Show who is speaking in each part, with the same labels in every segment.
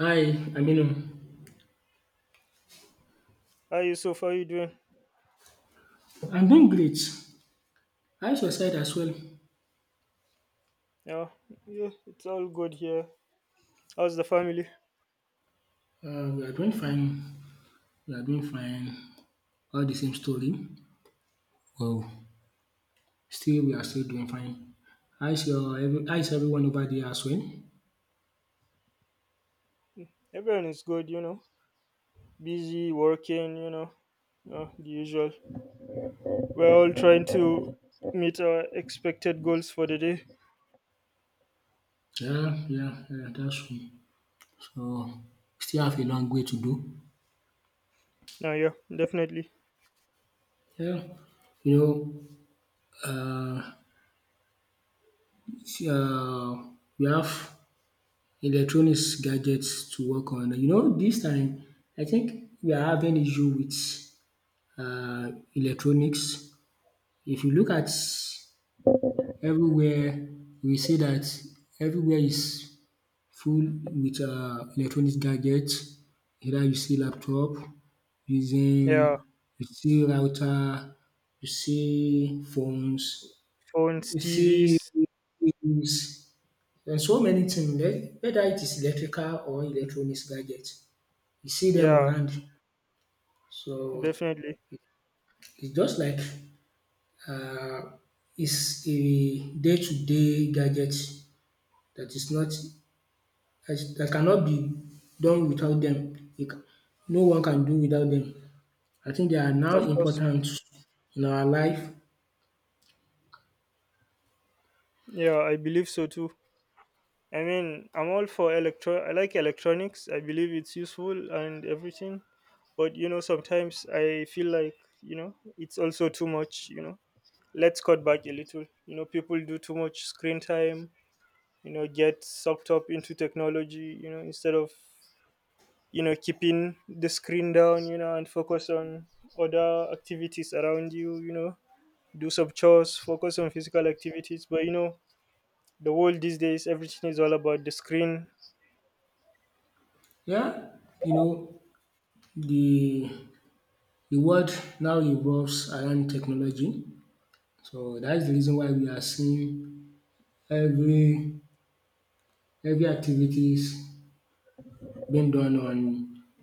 Speaker 1: Hi, Aminu.
Speaker 2: Hi Yusuf, how you doing?
Speaker 1: I'm doing great. How's your side as well?
Speaker 2: Yeah, yeah, it's all good here. How's the family?
Speaker 1: We are doing fine. We are doing fine. All the same story. Well, still we are still doing fine. How's everyone over there as well?
Speaker 2: Everyone is good, you know. Busy working, you know. Yeah, the usual. We're all trying to meet our expected goals for the day.
Speaker 1: Yeah, yeah, yeah, that's true. So still have a long way to do.
Speaker 2: No, yeah, definitely.
Speaker 1: Yeah, you know, uh, see, uh we have electronics gadgets to work on. You know, this time I think we are having issue with electronics. If you look at everywhere, we see that everywhere is full with electronic gadgets. Either you see laptop,
Speaker 2: Yeah,
Speaker 1: using you see router, you see phones,
Speaker 2: phones,
Speaker 1: you see
Speaker 2: TVs.
Speaker 1: things, and so many things. Whether it is electrical or electronics gadgets, you see them
Speaker 2: Yeah,
Speaker 1: around. So
Speaker 2: definitely.
Speaker 1: it's just like Uh, is a day to day gadget that is not that cannot be done without dem. No one can do without them. I think they are now
Speaker 2: Of course.
Speaker 1: important in our life.
Speaker 2: Yeah, I believe so too. I mean, I'm all for electro. I like electronics. I believe it's useful and everything, but you know, sometimes I feel like it's also too much. You know, let's cut back a little. You know, people do too much screen time. You know, get sucked up into technology. You know, instead of keeping the screen down. You know, and focus on other activities around you. You know, do some chores, focus on physical activities. But you know, the world these days, everything is all about the screen.
Speaker 1: Yeah, you know the the world now revolves around technology. So that is the reason why we are seeing every every activities being done on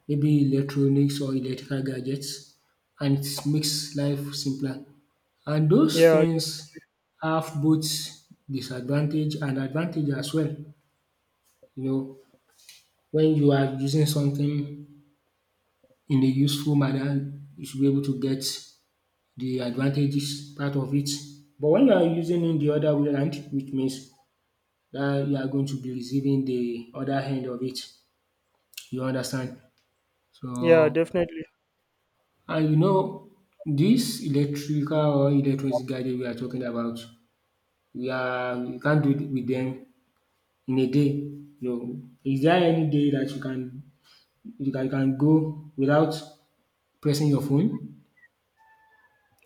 Speaker 1: maybe electronics or electrical gadgets, and it makes life simpler. And those
Speaker 2: Yeah,
Speaker 1: things have both disadvantage and advantage as well. You know, when you are using something in a useful manner, you should be able to get the advantages part of it. But when you are using in the other way around, which means that you are going to be receiving the other hand of it. You understand?
Speaker 2: yeah,
Speaker 1: So
Speaker 2: definitely.
Speaker 1: and you know this electrical or electronic gadget we are talking about we can't do it with them in a day you know. Is there any day that you can you can go without pressing your phone?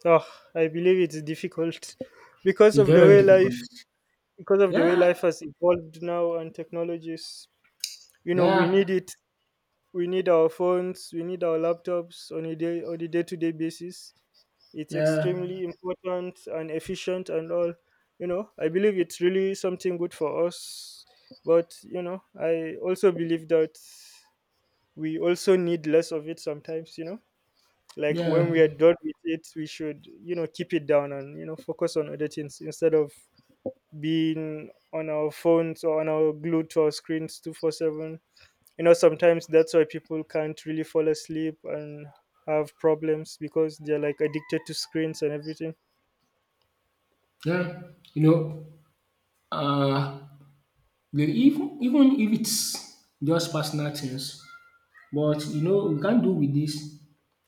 Speaker 2: Oh, I believe it's difficult because
Speaker 1: It's
Speaker 2: of
Speaker 1: very
Speaker 2: the
Speaker 1: very
Speaker 2: way life
Speaker 1: difficult.
Speaker 2: because of the way
Speaker 1: Yeah,
Speaker 2: life has evolved now and technologies. You know, we
Speaker 1: yeah,
Speaker 2: need it. We need our phones. We need our laptops on a day to day basis. It's
Speaker 1: yeah,
Speaker 2: extremely important and efficient and all. You know, I believe it's really something good for us. But you know, I also believe that we also need less of it sometimes. You know. Like when
Speaker 1: yeah,
Speaker 2: we are done with it, we should, you know, keep it down and, you know, focus on other things instead of being on our phones or on our glued to our screens 24/7. You know, sometimes that's why people can't really fall asleep and have problems because they're like addicted to screens and everything.
Speaker 1: yeah. You know um even if it's just personal things, but you know we can't do with this.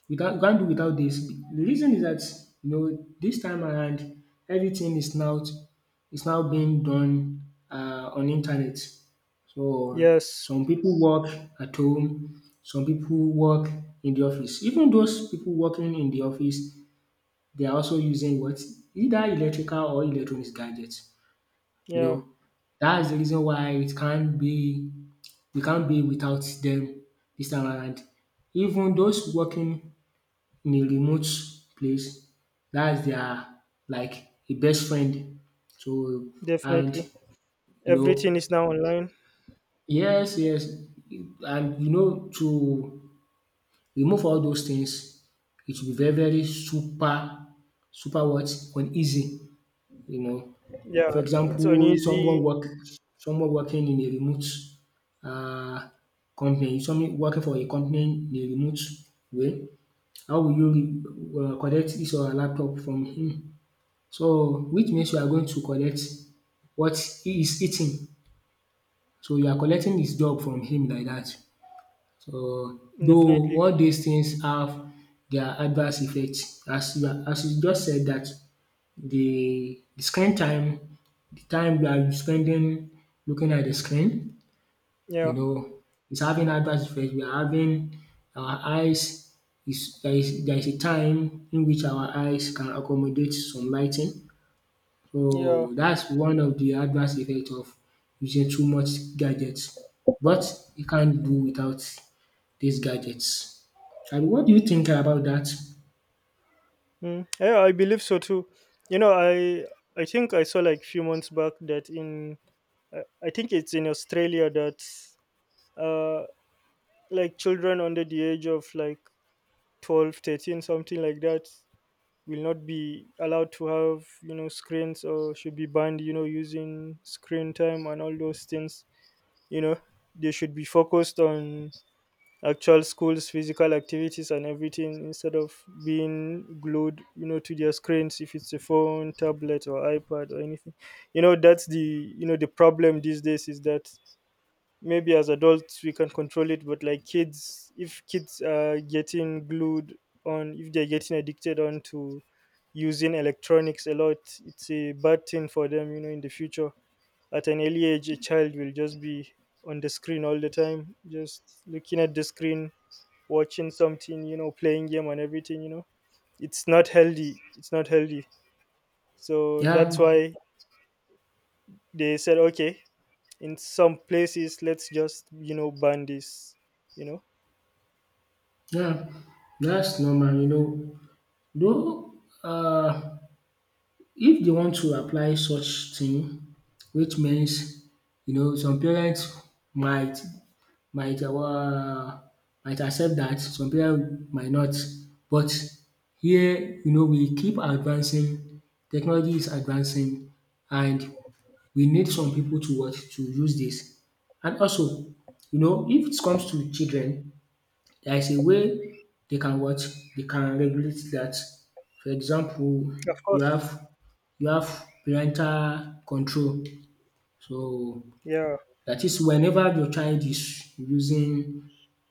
Speaker 1: You can't do without this. The reason is that you know this time around everything is now being done on internet. So
Speaker 2: Yes.
Speaker 1: some people work at home, some people work in the office. Even those people working in the office, they are also using what either electrical or electronic gadgets. You
Speaker 2: Yeah,
Speaker 1: know, that's the reason why it can't be we can't be without them this time around. Even those working in a remote place. That's their like a best friend. So and
Speaker 2: definitely.
Speaker 1: you
Speaker 2: Everything
Speaker 1: know
Speaker 2: is now online.
Speaker 1: yes, yes, and you know to remove all those things it will be very very super super what uneasy you know.
Speaker 2: Yeah,
Speaker 1: For
Speaker 2: it's
Speaker 1: example
Speaker 2: uneasy.
Speaker 1: someone working in a remote uh company, someone working for a company in a remote way, how will you collect this or her laptop from him? So which means you are going to collect what he is eating. So you are collecting his job from him like dat. So though
Speaker 2: Definitely.
Speaker 1: all dis things have their adverse effect, as you are as you just said dat the screen time, the time you are spending looking at the screen,
Speaker 2: Yeah.
Speaker 1: you know, is having adverse effect. We are having our eyes is there is there is a time in which our eyes can accommodate some lighting.
Speaker 2: Yeah.
Speaker 1: So that's one of the adverse effect of using too much gadgets, but you can't do without these gadgets. And what do you think about that?
Speaker 2: Mm, yeah, I believe so too. You know, I think I saw like few months back that in I think it's in Australia that uh like children under the age of like 12, 13, something like that will not be allowed to have, you know, screens or should be banned, you know, using screen time and all those things, you know. They should be focused on actual schools physical activities and everything instead of being glued, you know, to their screens if it's a phone tablet or ipad or anything. You know, that's the you know the problem these days is that maybe as adults we can control it, but like kids, if kids are getting glued on, if they're getting addicted on to using electronics a lot, it's a bad thing for them, you know, in the future. At an early age a child will just be on the screen all the time, just looking at the screen, watching something, you know, playing game and everything. You know, it's not healthy. It's not healthy. So that's
Speaker 1: Yeah,
Speaker 2: why they said, okay, in some places, let's just, you know, ban this, you know.
Speaker 1: yeah, that's normal, you know. Though um if they want to apply such thing, which means you know some parents might might um might accept that some people might not. But here you know we keep advancing, technology is advancing, and we need some people to what? To use this. And also you know if it comes to children, there is a way they can what? They can regulate that. For example,
Speaker 2: Of
Speaker 1: you
Speaker 2: course.
Speaker 1: have you have parental control. So
Speaker 2: Yeah.
Speaker 1: that is whenever your child is using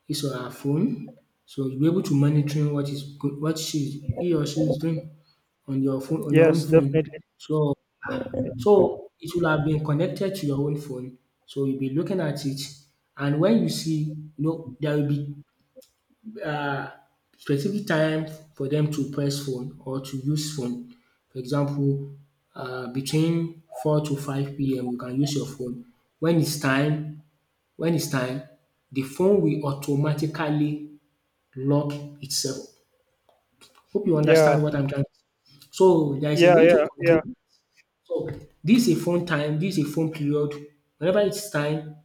Speaker 1: his or her phone. So you'll be able to monitoring what is go what she he or she is doing on your phone on your own
Speaker 2: Yes,
Speaker 1: phone.
Speaker 2: definitely.
Speaker 1: So so it will have been connected to your own phone, so you'll be looking at it, and when you see, you know, there will be uh specific time for them to press phone or to use phone. For example, between 4 to 5 p.m. you can use your phone. When it's time when it's time, the phone will automatically lock itself. Hope you
Speaker 2: Yeah.
Speaker 1: understand what I'm trying to say. So there is a
Speaker 2: Yeah.
Speaker 1: way
Speaker 2: Yeah.
Speaker 1: to
Speaker 2: Yeah.
Speaker 1: control. So this is a phone time, this is a phone period. Whenever it's time,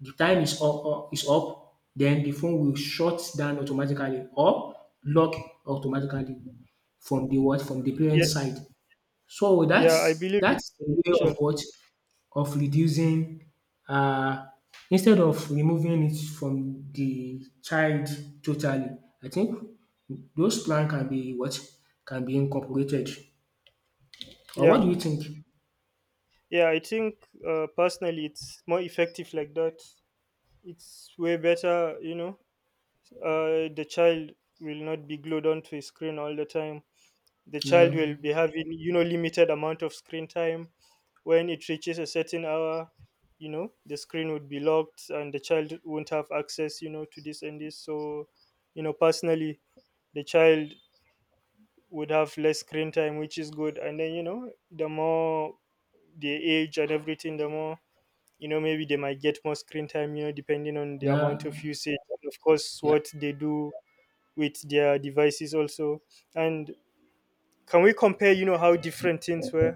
Speaker 1: the time is up, is up, then the phone will shut down automatically or lock automatically from the what from the parent
Speaker 2: Yeah.
Speaker 1: side. So
Speaker 2: Yeah. I
Speaker 1: that's
Speaker 2: believe it's
Speaker 1: that's the way
Speaker 2: beneficial.
Speaker 1: of what of reducing uh, instead of removing it from the child totally. I think those plan can be what can be incorporated. Or
Speaker 2: Yeah.
Speaker 1: what do you think?
Speaker 2: Yeah. I think, personally, it's more effective like that. It's way better, you know. The child will not be glued onto a screen all the time. The child
Speaker 1: Yeah,
Speaker 2: will be having, you know, limited amount of screen time. When it reaches a certain hour, you know, the screen would be locked and the child won't have access, you know, to this and this. So, you know, personally, the child would have less screen time, which is good, and then, you know, the more the age and everything, the more, you know, maybe they might get more screen time, you know, depending on the amount of
Speaker 1: yeah,
Speaker 2: usage, and of course
Speaker 1: yeah,
Speaker 2: what they do with their devices also. And can we compare, you know, how different things were,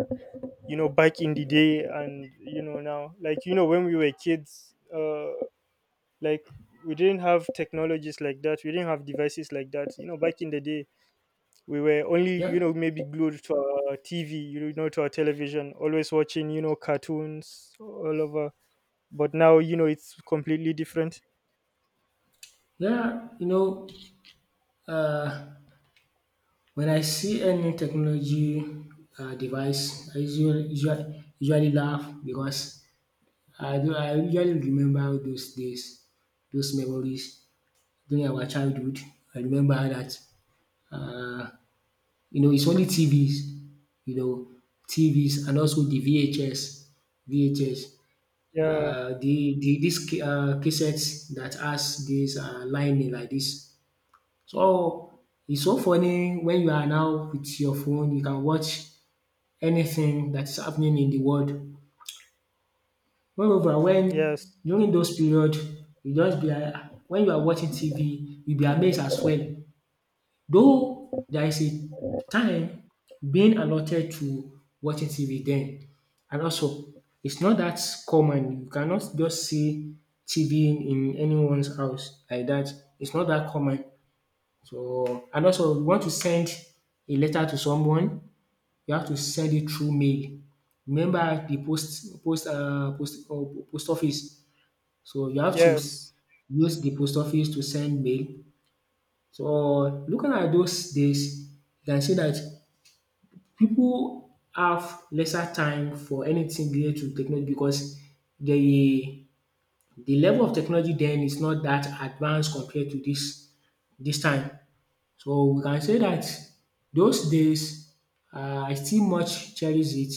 Speaker 2: you know, back in the day, and, you know, now. Like, you know, when we were kids, like we didn't have technologies like that, we didn't have devices like that, you know, back in the day. We were only, you
Speaker 1: yeah,
Speaker 2: know, maybe glued to our tv, you know, to our television, always watching, you know, cartoons all over. But now, you know, it's completely different.
Speaker 1: yeah. You know, uh, when I see any technology device, I usually laugh because I usually remember those days, those memories during our childhood. I remember that um you know it's only TVs, you know, TVs and also the VHS, VHS.
Speaker 2: Yeah.
Speaker 1: The this cassettes that has this lining like this. So it's so funny when you are now with your phone you can watch anything that is happening in the world. Moreover, when
Speaker 2: Yes,
Speaker 1: during those period you just be like when you are watching TV you be amazed as well. Though there is a time being allotted to watching TV then, and also it's not that common. You cannot just see TV in anyone's house like that. It's not that common. So and also you want to send a letter to someone, you have to send it through mail. Remember the post office, so you have to
Speaker 2: yes.
Speaker 1: use the post office to send mail. So looking at those days, you can see that people have lesser time for anything related to technology because the the level of technology then is not that advanced compared to this this time. So we can say that those days I still much cherish it.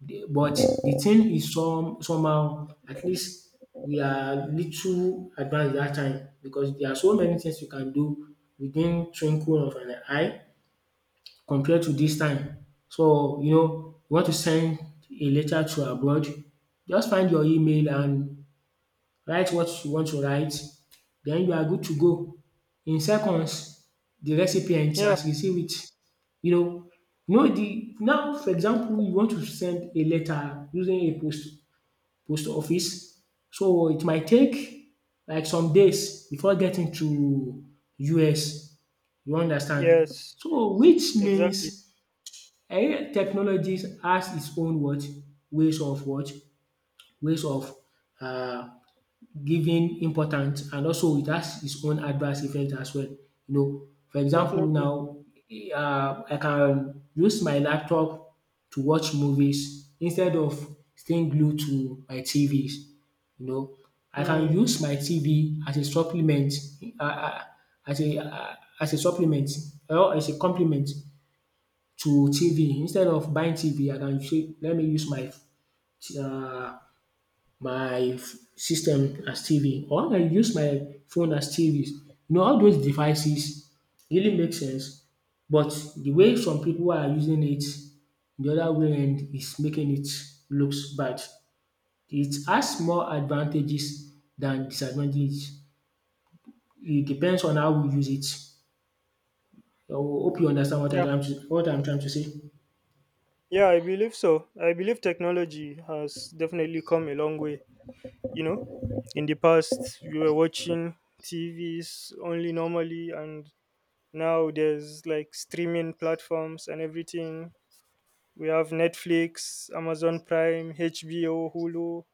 Speaker 1: The but the thing is somehow at least we are little advanced that time because there are so many things you can do within twinkle of an eye compared to this time. So you know you want to send a letter to abroad, just find your email and write what you want to write, then you are good to go. In seconds, the recipient
Speaker 2: Yeah.
Speaker 1: has received it. You know, you know the now for example you want to send a letter using a post post office, so it might take like some days before getting to US, you understand.
Speaker 2: Yes,
Speaker 1: So which
Speaker 2: exactly.
Speaker 1: means technologies has its own what ways of what ways of um giving importance, and also it has its own adverse effect as well. You know, for example
Speaker 2: Definitely.
Speaker 1: now, I can use my laptop to watch movies instead of staying glued to my TVs. You know, I can
Speaker 2: Mm.
Speaker 1: use my TV as a supplement um as a um as a supplement or as a complement to TV. Instead of buying TV I can say let me use my um my system as TV or I use my phone as TV. You know all those devices really make sense, but the way some people are using it the other way end is making it looks bad. It has more advantages than disadvantages. It depends on how we use it. I hope you understand what I am
Speaker 2: Yeah.
Speaker 1: trying to say.
Speaker 2: Yeah, I believe so. I believe technology has definitely come a long way. You know, in the past, we were watching TVs only normally, and now there's like streaming platforms and everything. We have Netflix, Amazon Prime, HBO, Hulu.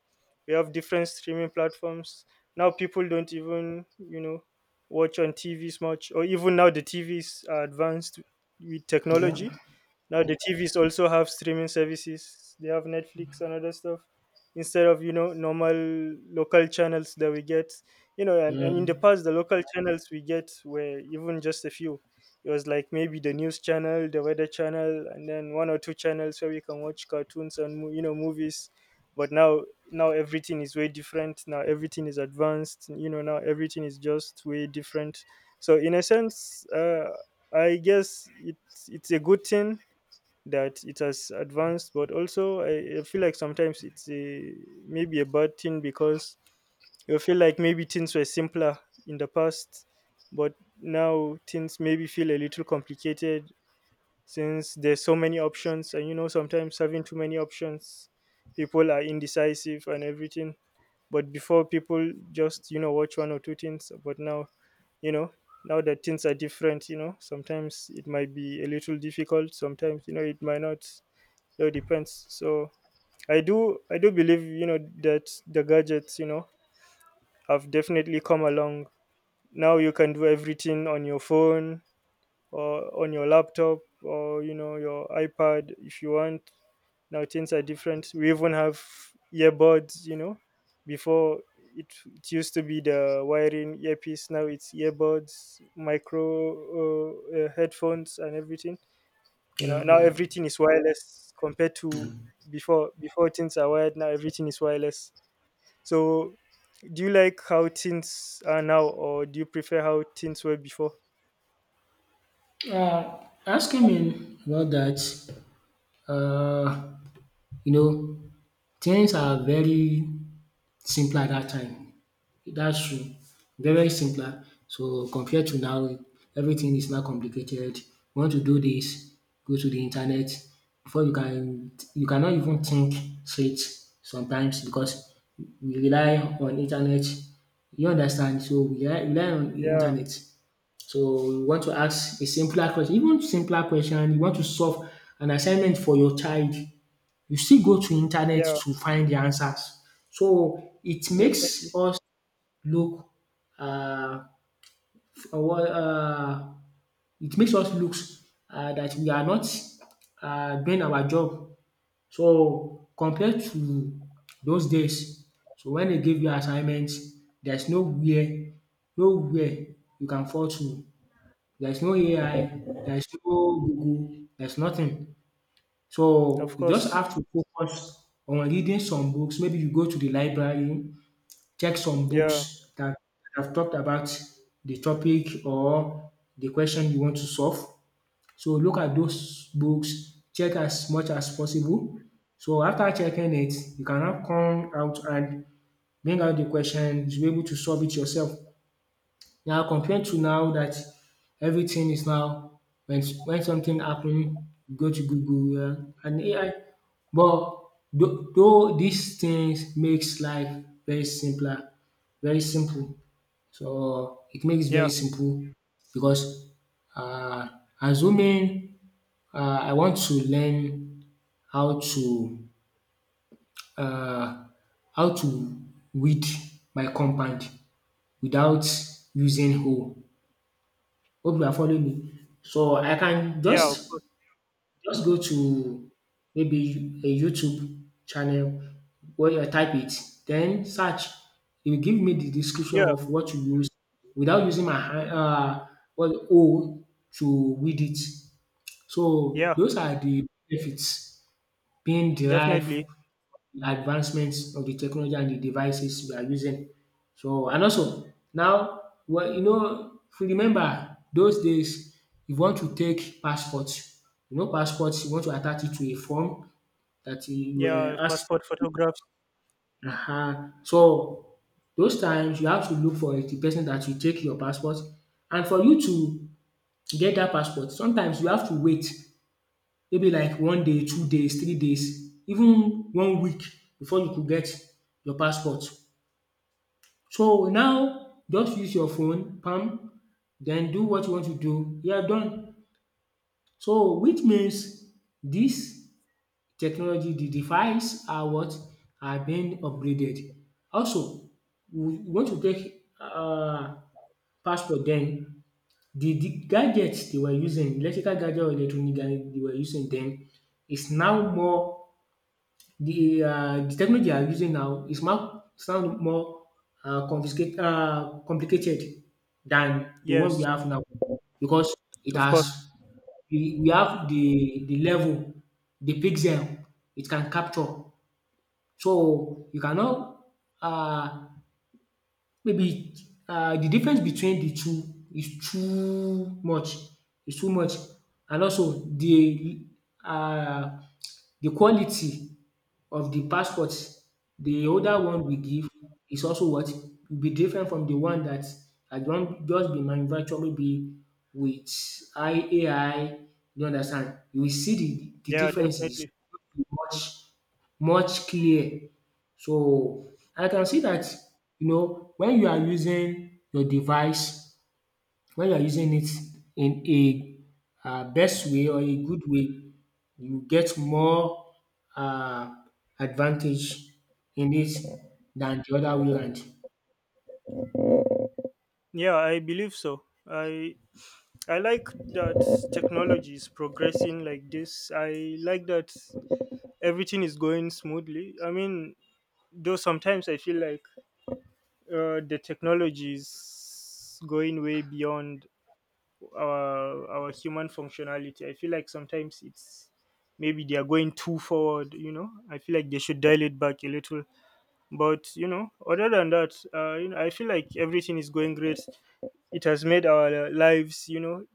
Speaker 2: We have different streaming platforms. Now people don't even, you know, watch on TVs much, or even now the TVs are advanced with
Speaker 1: Yeah.
Speaker 2: technology. Now the TVs also have streaming services. They have Netflix and other stuff instead of, you know, normal local channels that we get. You know, and,
Speaker 1: yeah,
Speaker 2: and in the past the local channels we get were even just a few. It was like maybe the news channel, the weather channel, and then one or two channels where we can watch cartoons and movies. But now everything is way different. Now everything is advanced. You know, now everything is just way different. So in a sense, I guess it's a good thing that it has advanced, but also I feel like sometimes maybe a bad thing, because you feel like maybe things were simpler in the past, but now things maybe feel a little complicated since there's so many options, and you know sometimes having too many options, people are indecisive and everything. But before, people just, you know, watch one or two things, but now, you know, now that things are different, you know, sometimes it might be a little difficult, sometimes, you know, it might not. It all depends. So I do believe, you know, that the gadgets, you know, have definitely come along. Now you can do everything on your phone or on your laptop, or, you know, your iPad if you want. Now things are different. We even have earbuds. You know, before, it used to be the wiring earpiece. Now it's earbuds, micro, headphones, and everything. You know,
Speaker 1: yeah
Speaker 2: now everything is wireless compared to before. Things are wired, now everything is wireless. So do you like how things are now, or do you prefer how things were before?
Speaker 1: yeah. Asking me about that. um you know Things are very simpler at that time. That's true. Very, very simpler. So compared to now, everything is now complicated. You want to do this, go to the internet. You cannot even think straight sometimes because we rely on internet. You understand? So we rely on the
Speaker 2: Yeah.
Speaker 1: internet. So we want to ask a simpler question, even simpler question. You want to solve an assignment for your child, you still go to internet
Speaker 2: Yeah,
Speaker 1: to find the answers. So it makes
Speaker 2: definitely.
Speaker 1: us look uh, what it makes us look that we are not doing our job. So compared to those days, so when they give you assignments, there's nowhere you can fall to. There's no AI, there's no Google, there's nothing.
Speaker 2: Of
Speaker 1: So you just
Speaker 2: course.
Speaker 1: have to focus on reading some books. Maybe you go to the library, check some books
Speaker 2: Yeah.
Speaker 1: that have talked about the topic or the question you want to solve. So look at those books, check as much as possible. So after checking it, you can now come out and bring out the question, you'll be able to solve it yourself. Now, compared to now that everything is now when something happen, you go to Google, yeah, and AI. But though these things makes life very simpler, very simple. So it makes
Speaker 2: Yeah,
Speaker 1: very simple because uh, assuming I want to learn how to uh, how to weed my compound without using hoe. Hope you are following me. So I can
Speaker 2: yeah.
Speaker 1: just
Speaker 2: Of course.
Speaker 1: go to maybe a YouTube channel where I type it, then search. It will give me the description
Speaker 2: Yeah.
Speaker 1: of what you use without using my hand well O to read it. So
Speaker 2: Yeah,
Speaker 1: those are the benefits being derived
Speaker 2: definitely.
Speaker 1: advancements of the technology and the devices we are using. So and also now, well, if you remember those days, you want to take passports. You know passports. You want to attach it to a form that you were
Speaker 2: Yeah,
Speaker 1: asked.
Speaker 2: passport photographs.
Speaker 1: So those times you have to look for the person that will take your passport, and for you to get that passport sometimes you have to wait maybe like one day, 2 days, 3 days, even one week before you could get your passport. So now just use your phone palm, then do what you want to do, you are done. So which means dis technology, the device, are what are being upgraded. Also we want to take passport den the gadget they were using, electrical gadget or electronic gadget they were using den, is now more. The technology they are using now is more sound, more confiscate complicated than the one we
Speaker 2: Yes,
Speaker 1: have now, because it
Speaker 2: of
Speaker 1: has
Speaker 2: course.
Speaker 1: we have the level, the pixel it can capture. So you cannot. uh, Maybe the difference between the two is too much, is too much. And also the uh, the quality of the passport, the older one we give, is also what will be different from the one that had don just been manufactured maybe with AI, you understand. You will see the
Speaker 2: Yeah,
Speaker 1: difference is
Speaker 2: definitely.
Speaker 1: much much clear. So, I can see that, when you are using your device, when you are using it in a best way or a good way, you get more um advantage in it than the other way round.
Speaker 2: Yeah, I believe so. I like that technology is progressing like this. I like that everything is going smoothly. I mean, though sometimes I feel like, the technology is going way beyond our human functionality. I feel like sometimes it's, maybe they are going too forward. You know, I feel like they should dial it back a little. But you know, other than that, you know, I feel like everything is going great. It has made our lives, you know,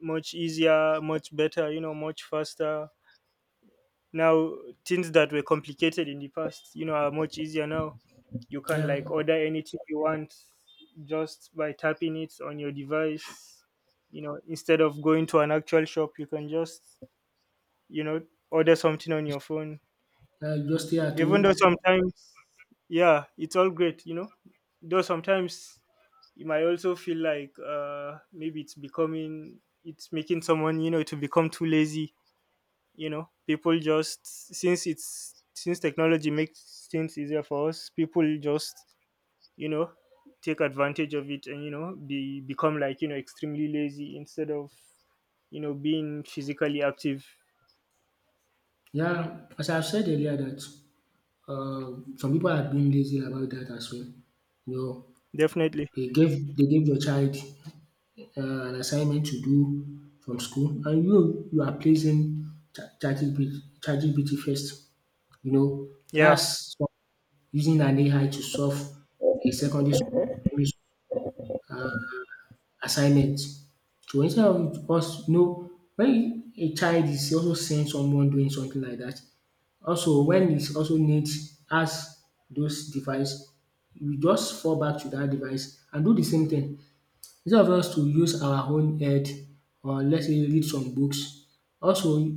Speaker 2: much easier, much better, you know, much faster. Now things that were complicated in the past, you know, are much easier now. You can
Speaker 1: Yeah,
Speaker 2: like order anything you want just by tapping it on your device, you know, instead of going to an actual shop. You can just, you know, order something on your phone.
Speaker 1: just stay at
Speaker 2: Even
Speaker 1: home.
Speaker 2: though sometimes, yeah, it's all great, you know, though sometimes you might also feel like, maybe it's making someone, you know, to become too lazy. You know, people just, since it's since technology makes things easier for us, people just, you know, take advantage of it, and, you know, be become like, you know, extremely lazy, instead of, you know, being physically active.
Speaker 1: Yeah, as I have said earlier that some people are being lazy about that as well. You know,
Speaker 2: Definitely.
Speaker 1: they gave your child an assignment to do from school, and you are placing ChatGPT first. You know,
Speaker 2: Yeah.
Speaker 1: that's so- using an AI to solve a secondary school, primary school assignment. So instead of us, when a child is also seeing someone doing something like that, also when it also needs has those device, we just fall back to that device and do the same thing. Instead of us to use our own head, or let's say read some books, also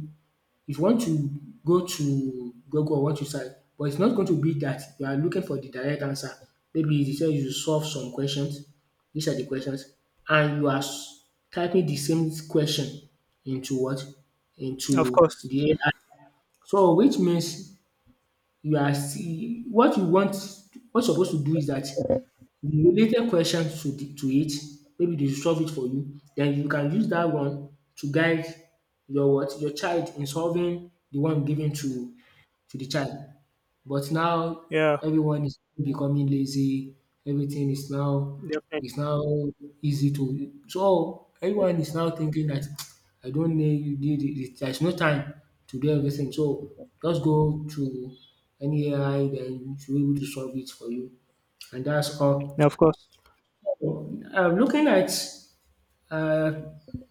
Speaker 1: if you want to go to Google or want to search, but it's not going to be that you are looking for the direct answer. Maybe they say you solve some questions, these are the questions, and you are typing the same question into what?
Speaker 2: Of
Speaker 1: Into
Speaker 2: course.
Speaker 1: the AI. So which means you are see what you want, what you're supposed to do is that the related question to it, maybe they solve it for you, then you can use that one to guide your what? Your child in solving the one given to the child. But now
Speaker 2: Yeah,
Speaker 1: everyone is becoming lazy, everything is now is
Speaker 2: definitely.
Speaker 1: now easy to, so everyone is now thinking that I don't need it, there's no time to do everything. So just go to any AI, then it will be able to solve it for you. And that's all.
Speaker 2: Of course.
Speaker 1: Looking at uh,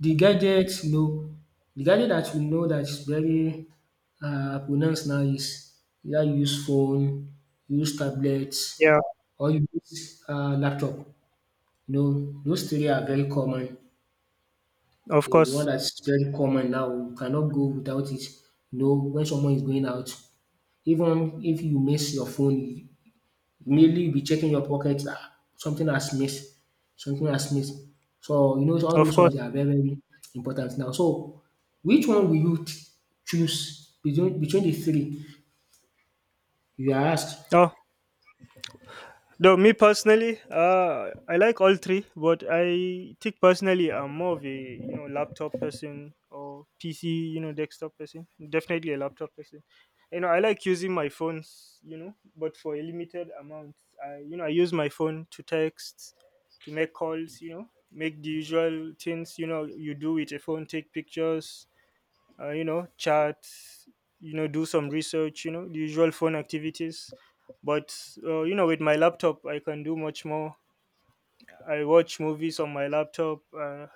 Speaker 1: the gadget, you know, the gadget that we know that is very pronounced now is either you use phone, you use tablet,
Speaker 2: Yeah.
Speaker 1: or you use laptop. You know, those three are very common.
Speaker 2: Of
Speaker 1: The one
Speaker 2: course.
Speaker 1: that's very common now, you cannot go without it. You know, when someone is going out, even if you miss your phone, mainly you'll be checking your pocket, ah, something has missed, something has missed. So, all
Speaker 2: Of
Speaker 1: those ones, they
Speaker 2: course.
Speaker 1: are very, very important now. So, which one will you choose between the three you are asked?
Speaker 2: Oh, though me personally, I like all three, but I think personally I'm more of a, you know, laptop person or PC, you know, desktop person. Definitely a laptop person. You know, I like using my phones, you know, but for a limited amount. I you know I use my phone to text, to make calls, you know, make the usual things, you know, you do with a phone, take pictures, you know, chat, you know, do some research, you know, the usual phone activities. But, you know, with my laptop, I can do much more. I watch movies on my laptop.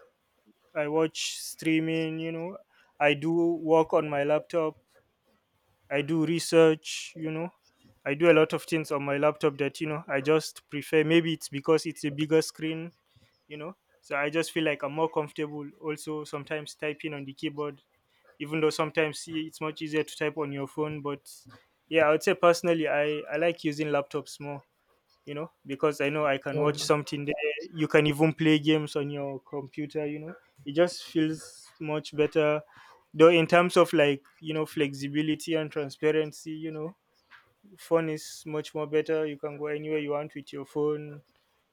Speaker 2: I watch streaming. You know, I do work on my laptop. I do research. You know, I do a lot of things on my laptop that, you know, I just prefer. Maybe it's because it's a bigger screen. You know, so I just feel like I'm more comfortable. Also, sometimes typing on the keyboard, even though sometimes, see, it's much easier to type on your phone. But yeah, I would say personally, I like using laptops more, you know, because I know I can watch
Speaker 1: Oh,
Speaker 2: something there. You can even play games on your computer. You know, it just feels much better. Though, in terms of like, you know, flexibility and transparency, you know, phone is much more better. You can go anywhere you want with your phone,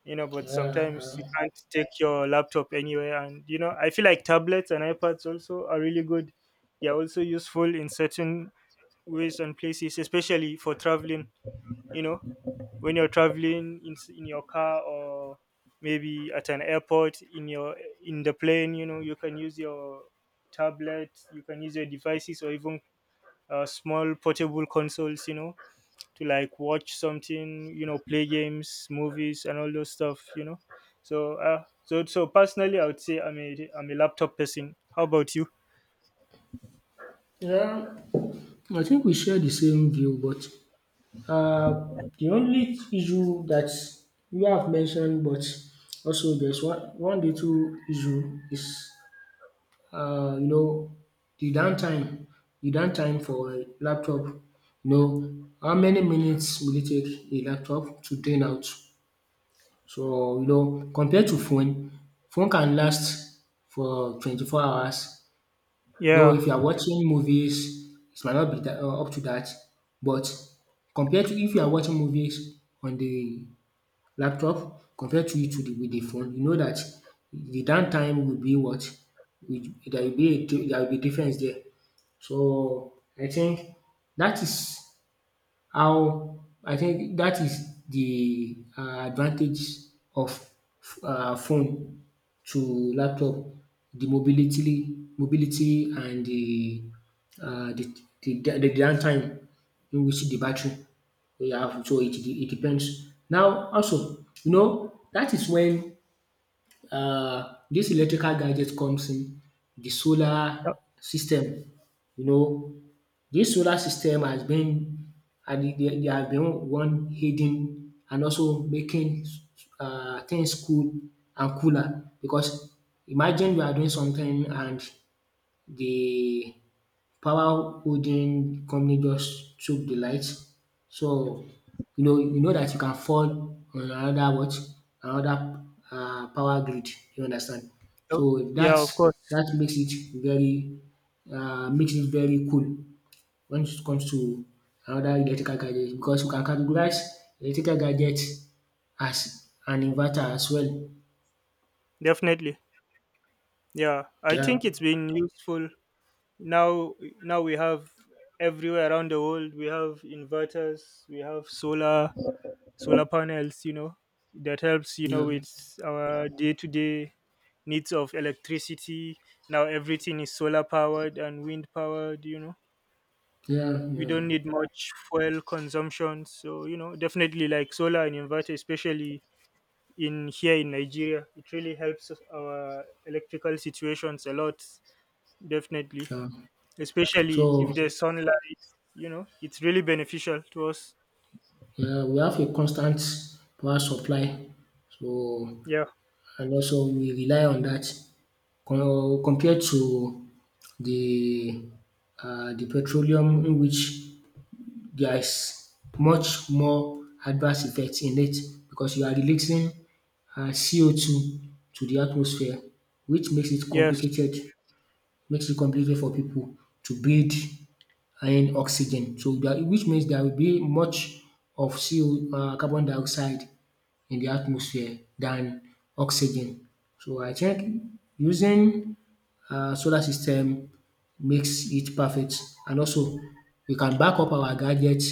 Speaker 2: you know, but
Speaker 1: yeah,
Speaker 2: sometimes
Speaker 1: yeah.
Speaker 2: you can't take your laptop anywhere. And, you know, I feel like tablets and ipads also are really good. They're also useful in certain ways and places, especially for traveling. You know, when you're traveling in your car, or maybe at an airport, in your in the plane, you know, you can use your tablet, you can use your devices, or even, small portable consoles, you know, to like watch something, you know, play games, movies, and all those stuff, you know. So, so personally, I would say I'm a laptop person. How about you?
Speaker 1: Yeah, I think we share the same view, but the only issue that you have mentioned, but also there's one little issue is uh, you know, the downtime, the downtime for a laptop, know, how many minutes will it take a laptop to drain out? So, compared to phone, phone can last for 24 hours. Though
Speaker 2: Yeah,
Speaker 1: if you are watching movies, it might not be that, up to that. But compared to, if you are watching movies on the laptop, compared to it with the phone, you know that the downtime will be what? There will be difference there. So I think that is how the advantage of phone to laptop, the mobility, mobility, and the downtime in which the battery we have. So it depends. Now also, that is when this electrical gadget comes in, the solar system. You know, this solar system has been, and they have been one hidden, and also making things cool and cooler, because imagine you are doing something and the power holding company just took the lights. So you know that you can fall on another what? Another power grid. You understand?
Speaker 2: yeah,
Speaker 1: So
Speaker 2: yeah, of course,
Speaker 1: that makes it very, cool when it comes to another electrical gadget, because you can categorize electrical gadget as an inverter as well.
Speaker 2: definitely. Yeah, I
Speaker 1: Yeah,
Speaker 2: think it's been useful. Now now we have everywhere around the world. We have inverters, we have solar panels, you know, that helps, you know,
Speaker 1: yeah,
Speaker 2: with our day-to-day needs of electricity. Now everything is solar powered and wind powered. You know,
Speaker 1: yeah,
Speaker 2: we
Speaker 1: yeah,
Speaker 2: don't need much fuel consumption. So, you know, definitely like solar and inverter, especially in here in nigeria, it really helps our electrical situations a lot. Definitely,
Speaker 1: yeah.
Speaker 2: especially
Speaker 1: So,
Speaker 2: if there's sunlight, you know, it's really beneficial to us.
Speaker 1: yeah, we have a constant power supply, so
Speaker 2: Yeah.
Speaker 1: and also we rely on that. Compared to the the petroleum, in which there is much more adverse effects in it, because you are releasing CO2 to the atmosphere, which makes it
Speaker 2: Yes,
Speaker 1: complicated, makes it compulsory for people to breathe and oxygen, so that which means there will be much of CO um carbon dioxide in the atmosphere than oxygen. So I think using solar system makes it perfect, and also we can back up our gadgets.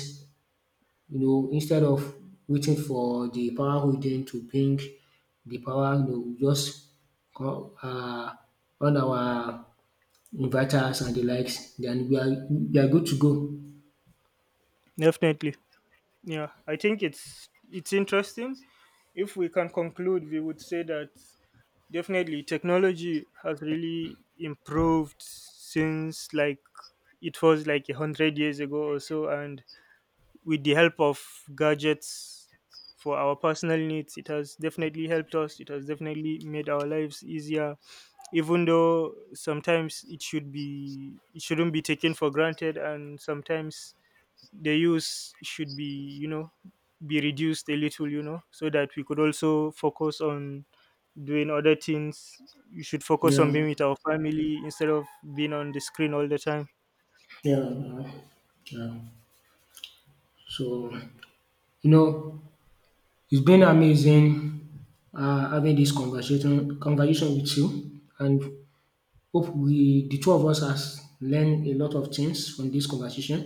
Speaker 1: Instead of waiting for the power holding to bring the power, we just go, on our inverters and the likes, then we are good to go.
Speaker 2: definitely. Yeah, I think it's interesting. If we can conclude, we would say that definitely technology has really improved since, like, it was like 100 years ago or so, and with the help of gadgets for our personal needs, it has definitely helped us, it has definitely made our lives easier. Even though sometimes it shouldn't be taken for granted, and sometimes the use should be, you know, be reduced a little, you know, so that we could also focus on doing other things. You should focus on
Speaker 1: Yeah,
Speaker 2: being with our family instead of being on the screen all the time.
Speaker 1: yeah, yeah, yeah. So, you know, it's been amazing having this conversation with you, and hope we, the two of us, has learned a lot of things from this conversation.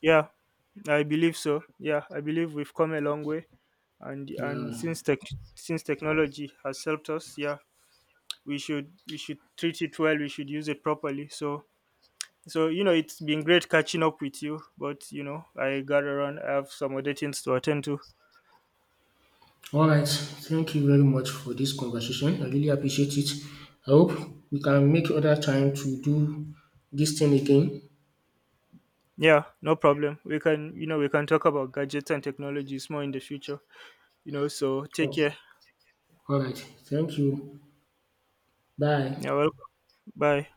Speaker 2: Yeah, I believe so. Yeah, I believe we've come a long way, and
Speaker 1: Yeah.
Speaker 2: since technology has helped us, yeah, we should treat it well. We should use it properly. So you know, it's been great catching up with you. But you know, I got around. I have some other things to attend to.
Speaker 1: All right. Thank you very much for this conversation. I really appreciate it. I hope we can make other time to do this thing again.
Speaker 2: Yeah, no problem. We can talk about gadgets and technologies more in the future. You know, so take
Speaker 1: Oh,
Speaker 2: care.
Speaker 1: all right. Thank you.
Speaker 2: Yeah,
Speaker 1: Bye.
Speaker 2: welcome. Bye.